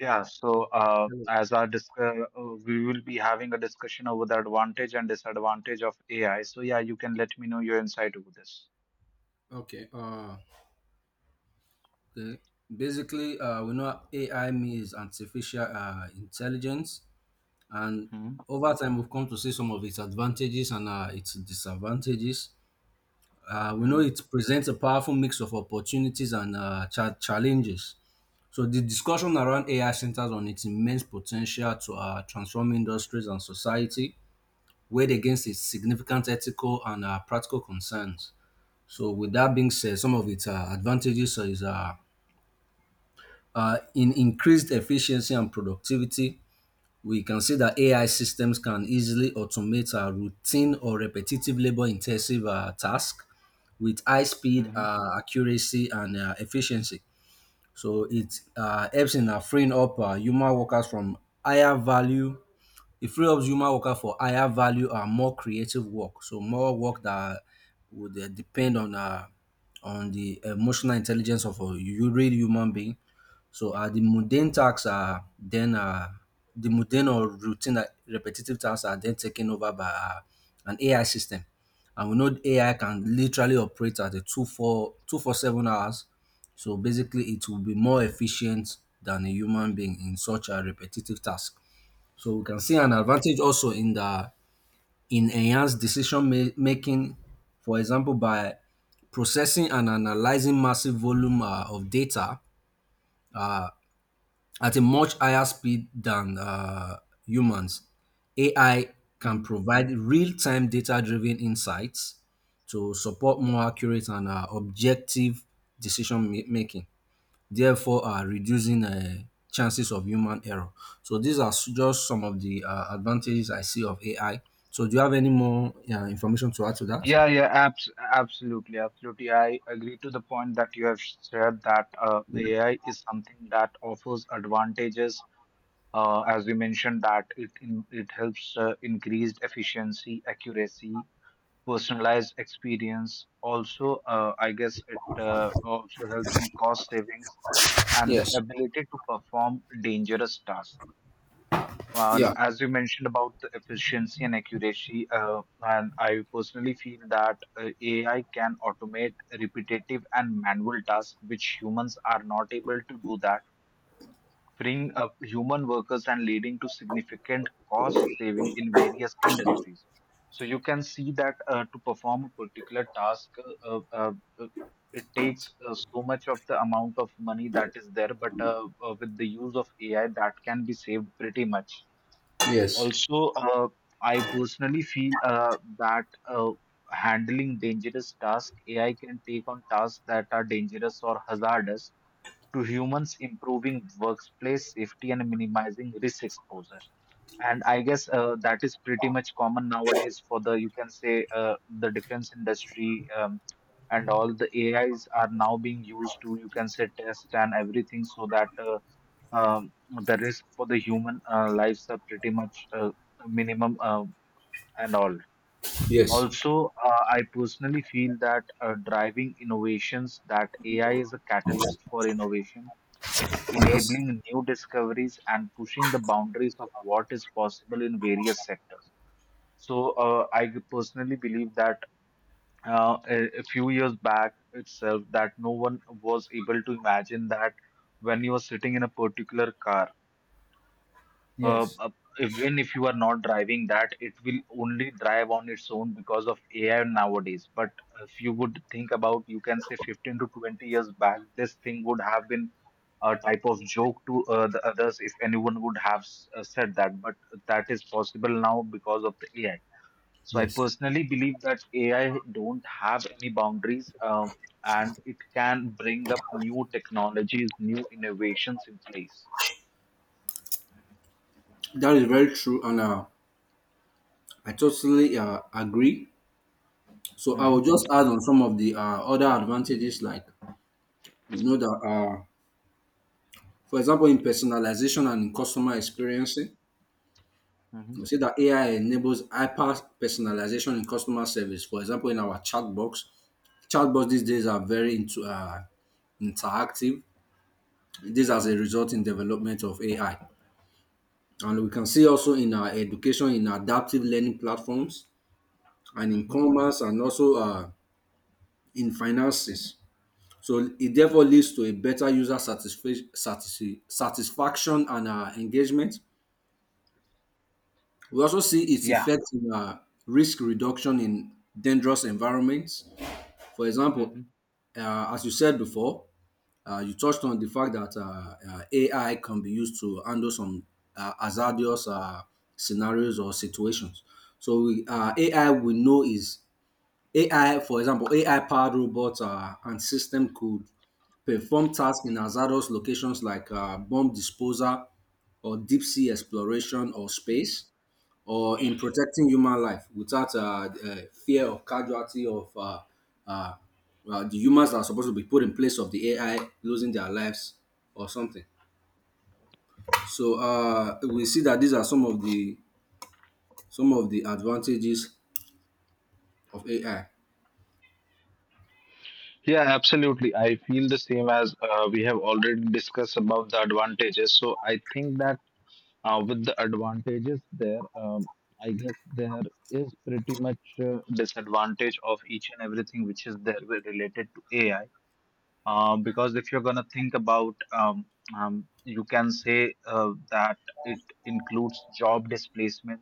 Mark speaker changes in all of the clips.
Speaker 1: Yeah, so we will be having a discussion over the advantage and disadvantage of AI. So yeah, you can let me know your insight over this.
Speaker 2: Okay. Okay. Basically, we know AI means artificial intelligence, and
Speaker 1: Hmm,
Speaker 2: over time we've come to see some of its advantages and its disadvantages. We know
Speaker 1: hmm,
Speaker 2: it presents a powerful mix of opportunities and challenges. So the discussion around AI centers on its immense potential to transform industries and society, weighed against its significant ethical and practical concerns. So with that being said, some of its advantages is in increased efficiency and productivity. We can see that AI systems can easily automate routine or repetitive labor intensive tasks with high speed,
Speaker 1: hmm,
Speaker 2: accuracy, and efficiency. So it helps in freeing up human workers from higher value. It frees up human worker for higher value and more creative work. So more work that would depend on on the emotional intelligence of a real human being. So the mundane or routine repetitive tasks are then taken over by an AI system. And we know AI can literally operate at a 24/7 hours. So basically, it will be more efficient than a human being in such a repetitive task. So we can see an advantage also in enhanced decision making, for example, by processing and analyzing massive volume of data at a much higher speed than humans. AI can
Speaker 1: hmm.
Speaker 2: provide real time data driven insights to support more accurate and objective decision making, therefore reducing chances of human error. So these are just some of the advantages I see of AI. So do you have any more information to add to that?
Speaker 1: Yeah, absolutely. I agree to the point that you have shared that
Speaker 2: Yeah.
Speaker 1: AI is something that offers advantages. As we mentioned, that it helps increased efficiency, accuracy, personalized experience. Also, I guess it also helps in cost savings and the
Speaker 2: Yes.
Speaker 1: ability to perform dangerous tasks. Well,
Speaker 2: Yeah.
Speaker 1: as you mentioned about the efficiency and accuracy, and I personally feel that AI can automate repetitive and manual tasks, which humans are not able to do that, freeing up human workers and leading to significant cost saving in various industries. So you can see that to perform a particular task, uh, uh, uh, it takes so much of the amount of money that is there, but with the use of AI, that can be saved pretty much.
Speaker 2: Yes.
Speaker 1: Also, I personally feel that handling dangerous tasks, AI can take on tasks that are dangerous or hazardous to humans, improving workplace safety and minimizing risk exposure. And I guess that is pretty much common nowadays for the, you can say, the defense industry, and all the AIs are now being used to, you can say, test and everything so that the risk for the human lives are pretty much minimum and all.
Speaker 2: Yes.
Speaker 1: Also, I personally feel that driving innovations, that AI is a catalyst for innovation,
Speaker 2: Yes.
Speaker 1: enabling new discoveries and pushing the boundaries of what is possible in various sectors. So, I personally believe that a few years back itself, that no one was able to imagine that when you are sitting in a particular car, uh,
Speaker 2: Yes.
Speaker 1: uh, even if you are not driving that, it will only drive on its own because of AI nowadays. But if you would think about, you can say 15 to 20 years back, this thing would have been a type of joke to the others if anyone would have said that. But that is possible now because of the AI. So I
Speaker 2: Yes.
Speaker 1: personally believe that AI don't have any boundaries. And it can bring up new technologies, new innovations in place.
Speaker 2: That is very true, Anna. I totally agree. So I will
Speaker 1: Mhm,
Speaker 2: just add on some of the other advantages, like you know that, for example, in personalization and in customer experiencing,
Speaker 1: mhm,
Speaker 2: we see that AI enables hyper personalization in customer service. For example, in our chatbots these days are very interactive. This as a result in development of AI, and we can see also in our education, in adaptive learning platforms, and in
Speaker 1: mhm.
Speaker 2: commerce, and also in finances. So it therefore leads to a better user satisfaction and engagement. We also see its
Speaker 1: Yeah.
Speaker 2: effect in risk reduction in dangerous environments. For example,
Speaker 1: Mhm.
Speaker 2: as you said before, you touched on the fact that AI can be used to handle some hazardous scenarios or situations. So AI we know is AI, for example, AI-powered robots and system could perform tasks in hazardous locations like bomb disposal or deep sea exploration or space, or in protecting human life without fear of casualty of uh, the humans that are supposed to be put in place of the AI losing their lives or something. So we see that these are some of the advantages of AI.
Speaker 1: Yeah, absolutely. I feel the same. As we have already discussed about the advantages, so I think that with the advantages there, I guess there is pretty much disadvantage of each and everything which is there related to AI. Because if you're gonna think about, you can say that it includes job displacement,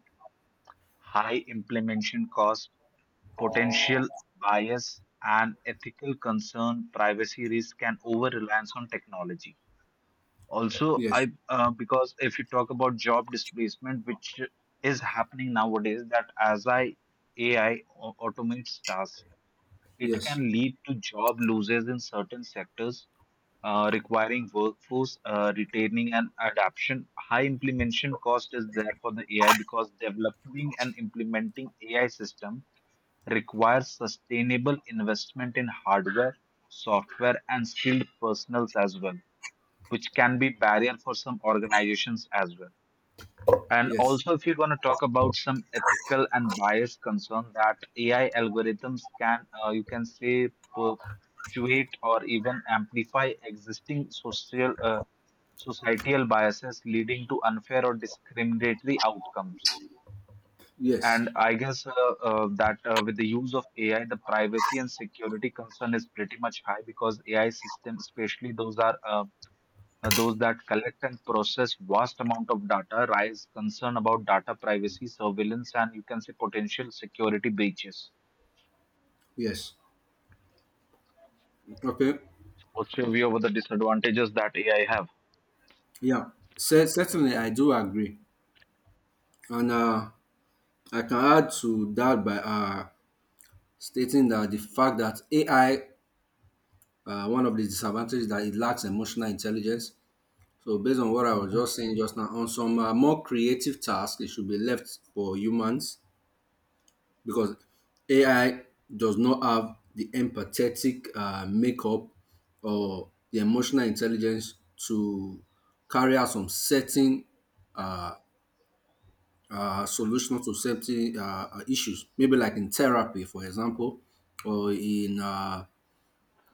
Speaker 1: high implementation cost, potential bias, and ethical concern, privacy risk, and over reliance on technology. Also, I
Speaker 2: Yes,
Speaker 1: because if you talk about job displacement, which is happening nowadays, that as I AI automates tasks, it
Speaker 2: yes,
Speaker 1: can lead to job losses in certain sectors, requiring workforce retaining and adaption. High implementation cost is there for the AI because developing and implementing AI system requires sustainable investment in hardware, software, and skilled personnels as well, which can be barrier for some organizations as well. And
Speaker 2: yes,
Speaker 1: also, if you're going to talk about some ethical and bias concern, that AI algorithms can, you can say, perpetuate or even amplify existing social, societal biases, leading to unfair or discriminatory outcomes.
Speaker 2: yes.
Speaker 1: And I guess that with the use of AI, the privacy and security concern is pretty much high because AI systems, especially those are those that collect and process vast amount of data, raise concern about data privacy, surveillance, and you can say potential security breaches.
Speaker 2: Yes. Okay.
Speaker 1: What's your view over the disadvantages that AI have?
Speaker 2: Yeah. Certainly, I do agree. And I can add to that by stating that the fact that AI, one of the disadvantages that it lacks emotional intelligence. So based on what I
Speaker 1: Mhm,
Speaker 2: was just saying just now, on some more creative tasks, it should be left for humans because AI does not have the empathetic makeup or the emotional intelligence to carry out some certain uh, solution to certain issues, maybe like in therapy, for example, or in um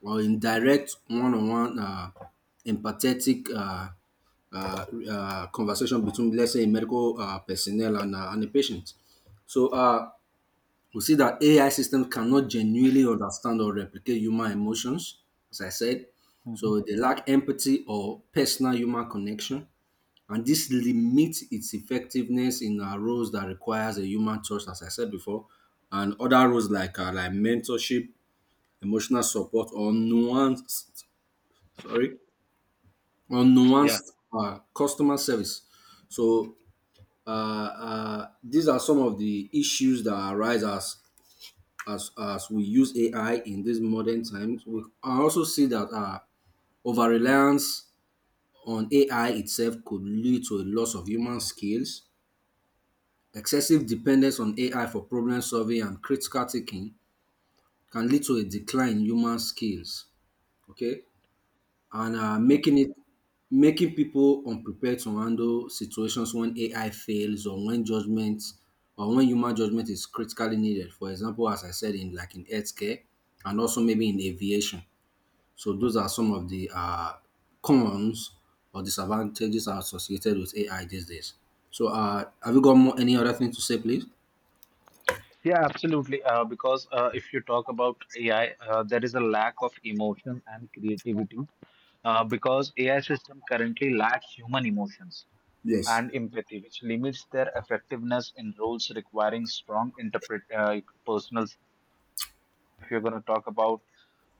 Speaker 2: or in direct one on one empathetic conversation between, let's say, a medical personnel and a patient. So we see that AI systems cannot genuinely understand or replicate human emotions, as I said.
Speaker 1: mhm.
Speaker 2: So they lack empathy or personal human connection. And this limits its effectiveness in roles that requires a human touch, as I said before, and other roles like like mentorship, emotional support, or sorry, or
Speaker 1: Yeah,
Speaker 2: nuanced customer service. So these are some of the issues that arise as we use AI in these modern times. We I also see that over reliance on AI itself could lead to a loss of human skills. Excessive dependence on AI for problem solving and critical thinking can lead to a decline in human skills. Okay, and
Speaker 1: yeah,
Speaker 2: making it making people unprepared to handle situations when AI fails or when human judgment is critically needed. For example, as I said, in like in healthcare and also maybe in aviation. So those are some of the cons or disadvantages are associated with AI these days. So have you got more, any other thing to say, please?
Speaker 1: yeah, absolutely. Because if you talk about AI, there is a lack of emotion and creativity because AI system currently lacks human emotions
Speaker 2: Yes.
Speaker 1: and empathy, which limits their effectiveness in roles requiring strong interpret personal. If you're going to talk about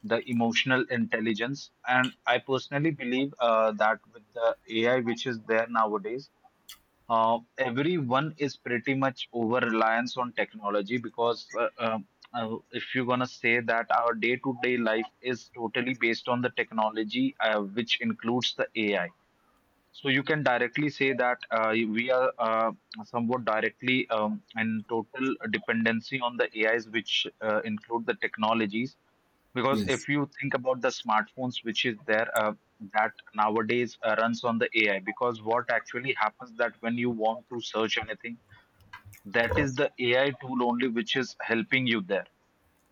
Speaker 1: the emotional intelligence, and I personally believe that with the AI which is there nowadays. Everyone is pretty much over reliance on technology because if you're gonna say that our day-to-day life is totally based on the technology, which includes the AI, so you can directly say that we are somewhat directly, in total dependency on the AIs, which include the technologies. Because if
Speaker 2: Yes.
Speaker 1: you think about the smartphones, which is there, that nowadays runs on the AI. Because what actually happens, that when you want to search anything, that is the AI tool only which is helping you there,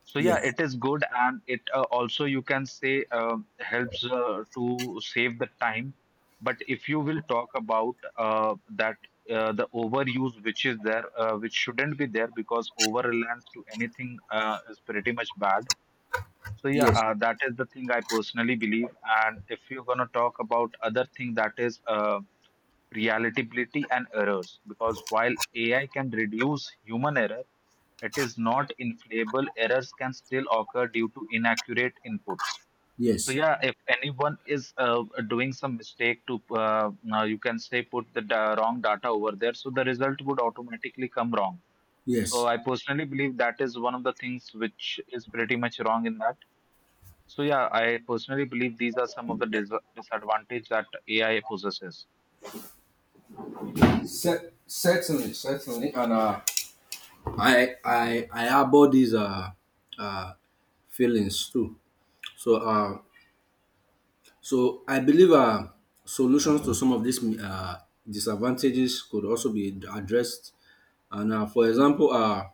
Speaker 1: so yeah,
Speaker 2: Yes.
Speaker 1: it is good, and it also, you can say, um, helps to save the time. But if you will talk about that the overuse which is there, which shouldn't be there, because over reliance to anything is pretty much bad. So yeah,
Speaker 2: Yes.
Speaker 1: that is the thing I personally believe. And if you're gonna talk about other thing, that is reliability and errors, because while AI can reduce human error, it is not infallible. Errors can still occur due to inaccurate inputs. So
Speaker 2: Yes.
Speaker 1: yeah, if anyone is doing some mistake to, now you can say, put the wrong data over there, so the result would automatically come wrong. So
Speaker 2: Yes.
Speaker 1: I personally believe that is one of the things which is pretty much wrong in that. So yeah, I personally believe these are some of the disadvantage that AI possesses.
Speaker 2: Certainly, certainly, and I harbor these uh, feelings too. So uh, so I believe solutions to some of these disadvantages could also be addressed. And for example,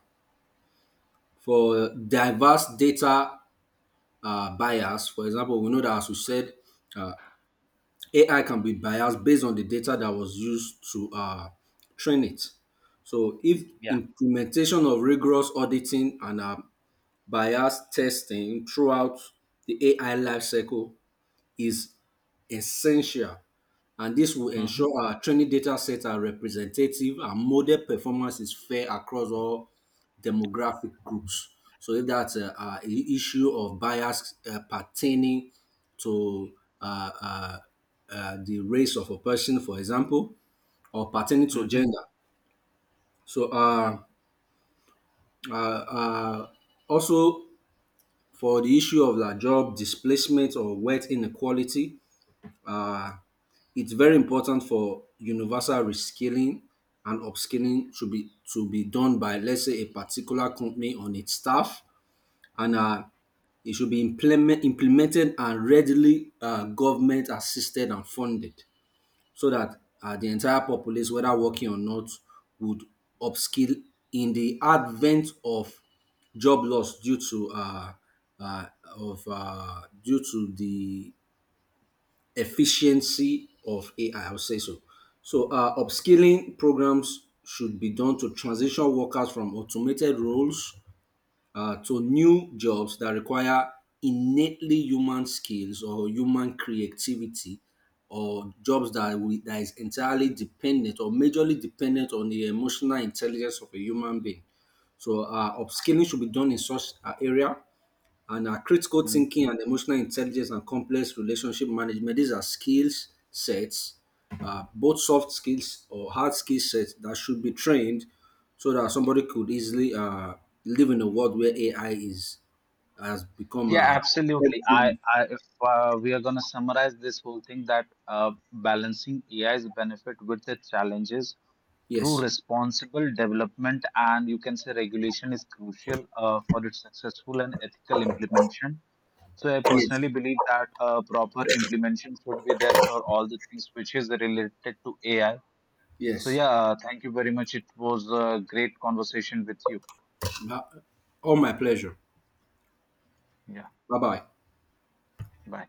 Speaker 2: for diverse data bias, for example, we know that, as we said, uh, AI can be biased based on the data that was used to train it. So if
Speaker 1: Yeah.
Speaker 2: implementation of rigorous auditing and bias testing throughout the AI lifecycle is essential, and this will
Speaker 1: Mm-hmm.
Speaker 2: ensure our training data sets are representative and model performance is fair across all demographic groups. So if that's a, issue of bias pertaining to uh, uh, the race of a person, for example, or pertaining to
Speaker 1: Mm-hmm.
Speaker 2: gender. So uh, uh, also for the issue of like job displacement or wealth inequality, uh, it's very important for universal reskilling and upskilling to be done by, let's say, a particular company on its staff, and it should be implemented and readily government assisted and funded so that the entire populace, whether working or not, would upskill in the advent of job loss uh, due to the efficiency of AI. I'll say so. So upskilling programs should be done to transition workers from automated roles to new jobs that require innately human skills or human creativity, or jobs that is entirely dependent or majorly dependent on the emotional intelligence of a human being. So upskilling should be done in such area, and our critical thinking and emotional intelligence and complex relationship management. These are skills sets, both soft skills or hard skill sets that should be trained so that somebody could easily live in a world where AI is has become
Speaker 1: Yeah,
Speaker 2: a.
Speaker 1: absolutely. I If we are going to summarize this whole thing, that balancing AI's benefit with the challenges through
Speaker 2: Yes,
Speaker 1: responsible development and, you can say, regulation is crucial for its successful and ethical implementation. So I personally
Speaker 2: yes,
Speaker 1: believe that proper implementation should be there for all the things which is related to AI. So
Speaker 2: yes.
Speaker 1: yeah, thank you very much. It was a great conversation with you.
Speaker 2: Ma- All my pleasure.
Speaker 1: Yeah,
Speaker 2: Bye bye.
Speaker 1: bye.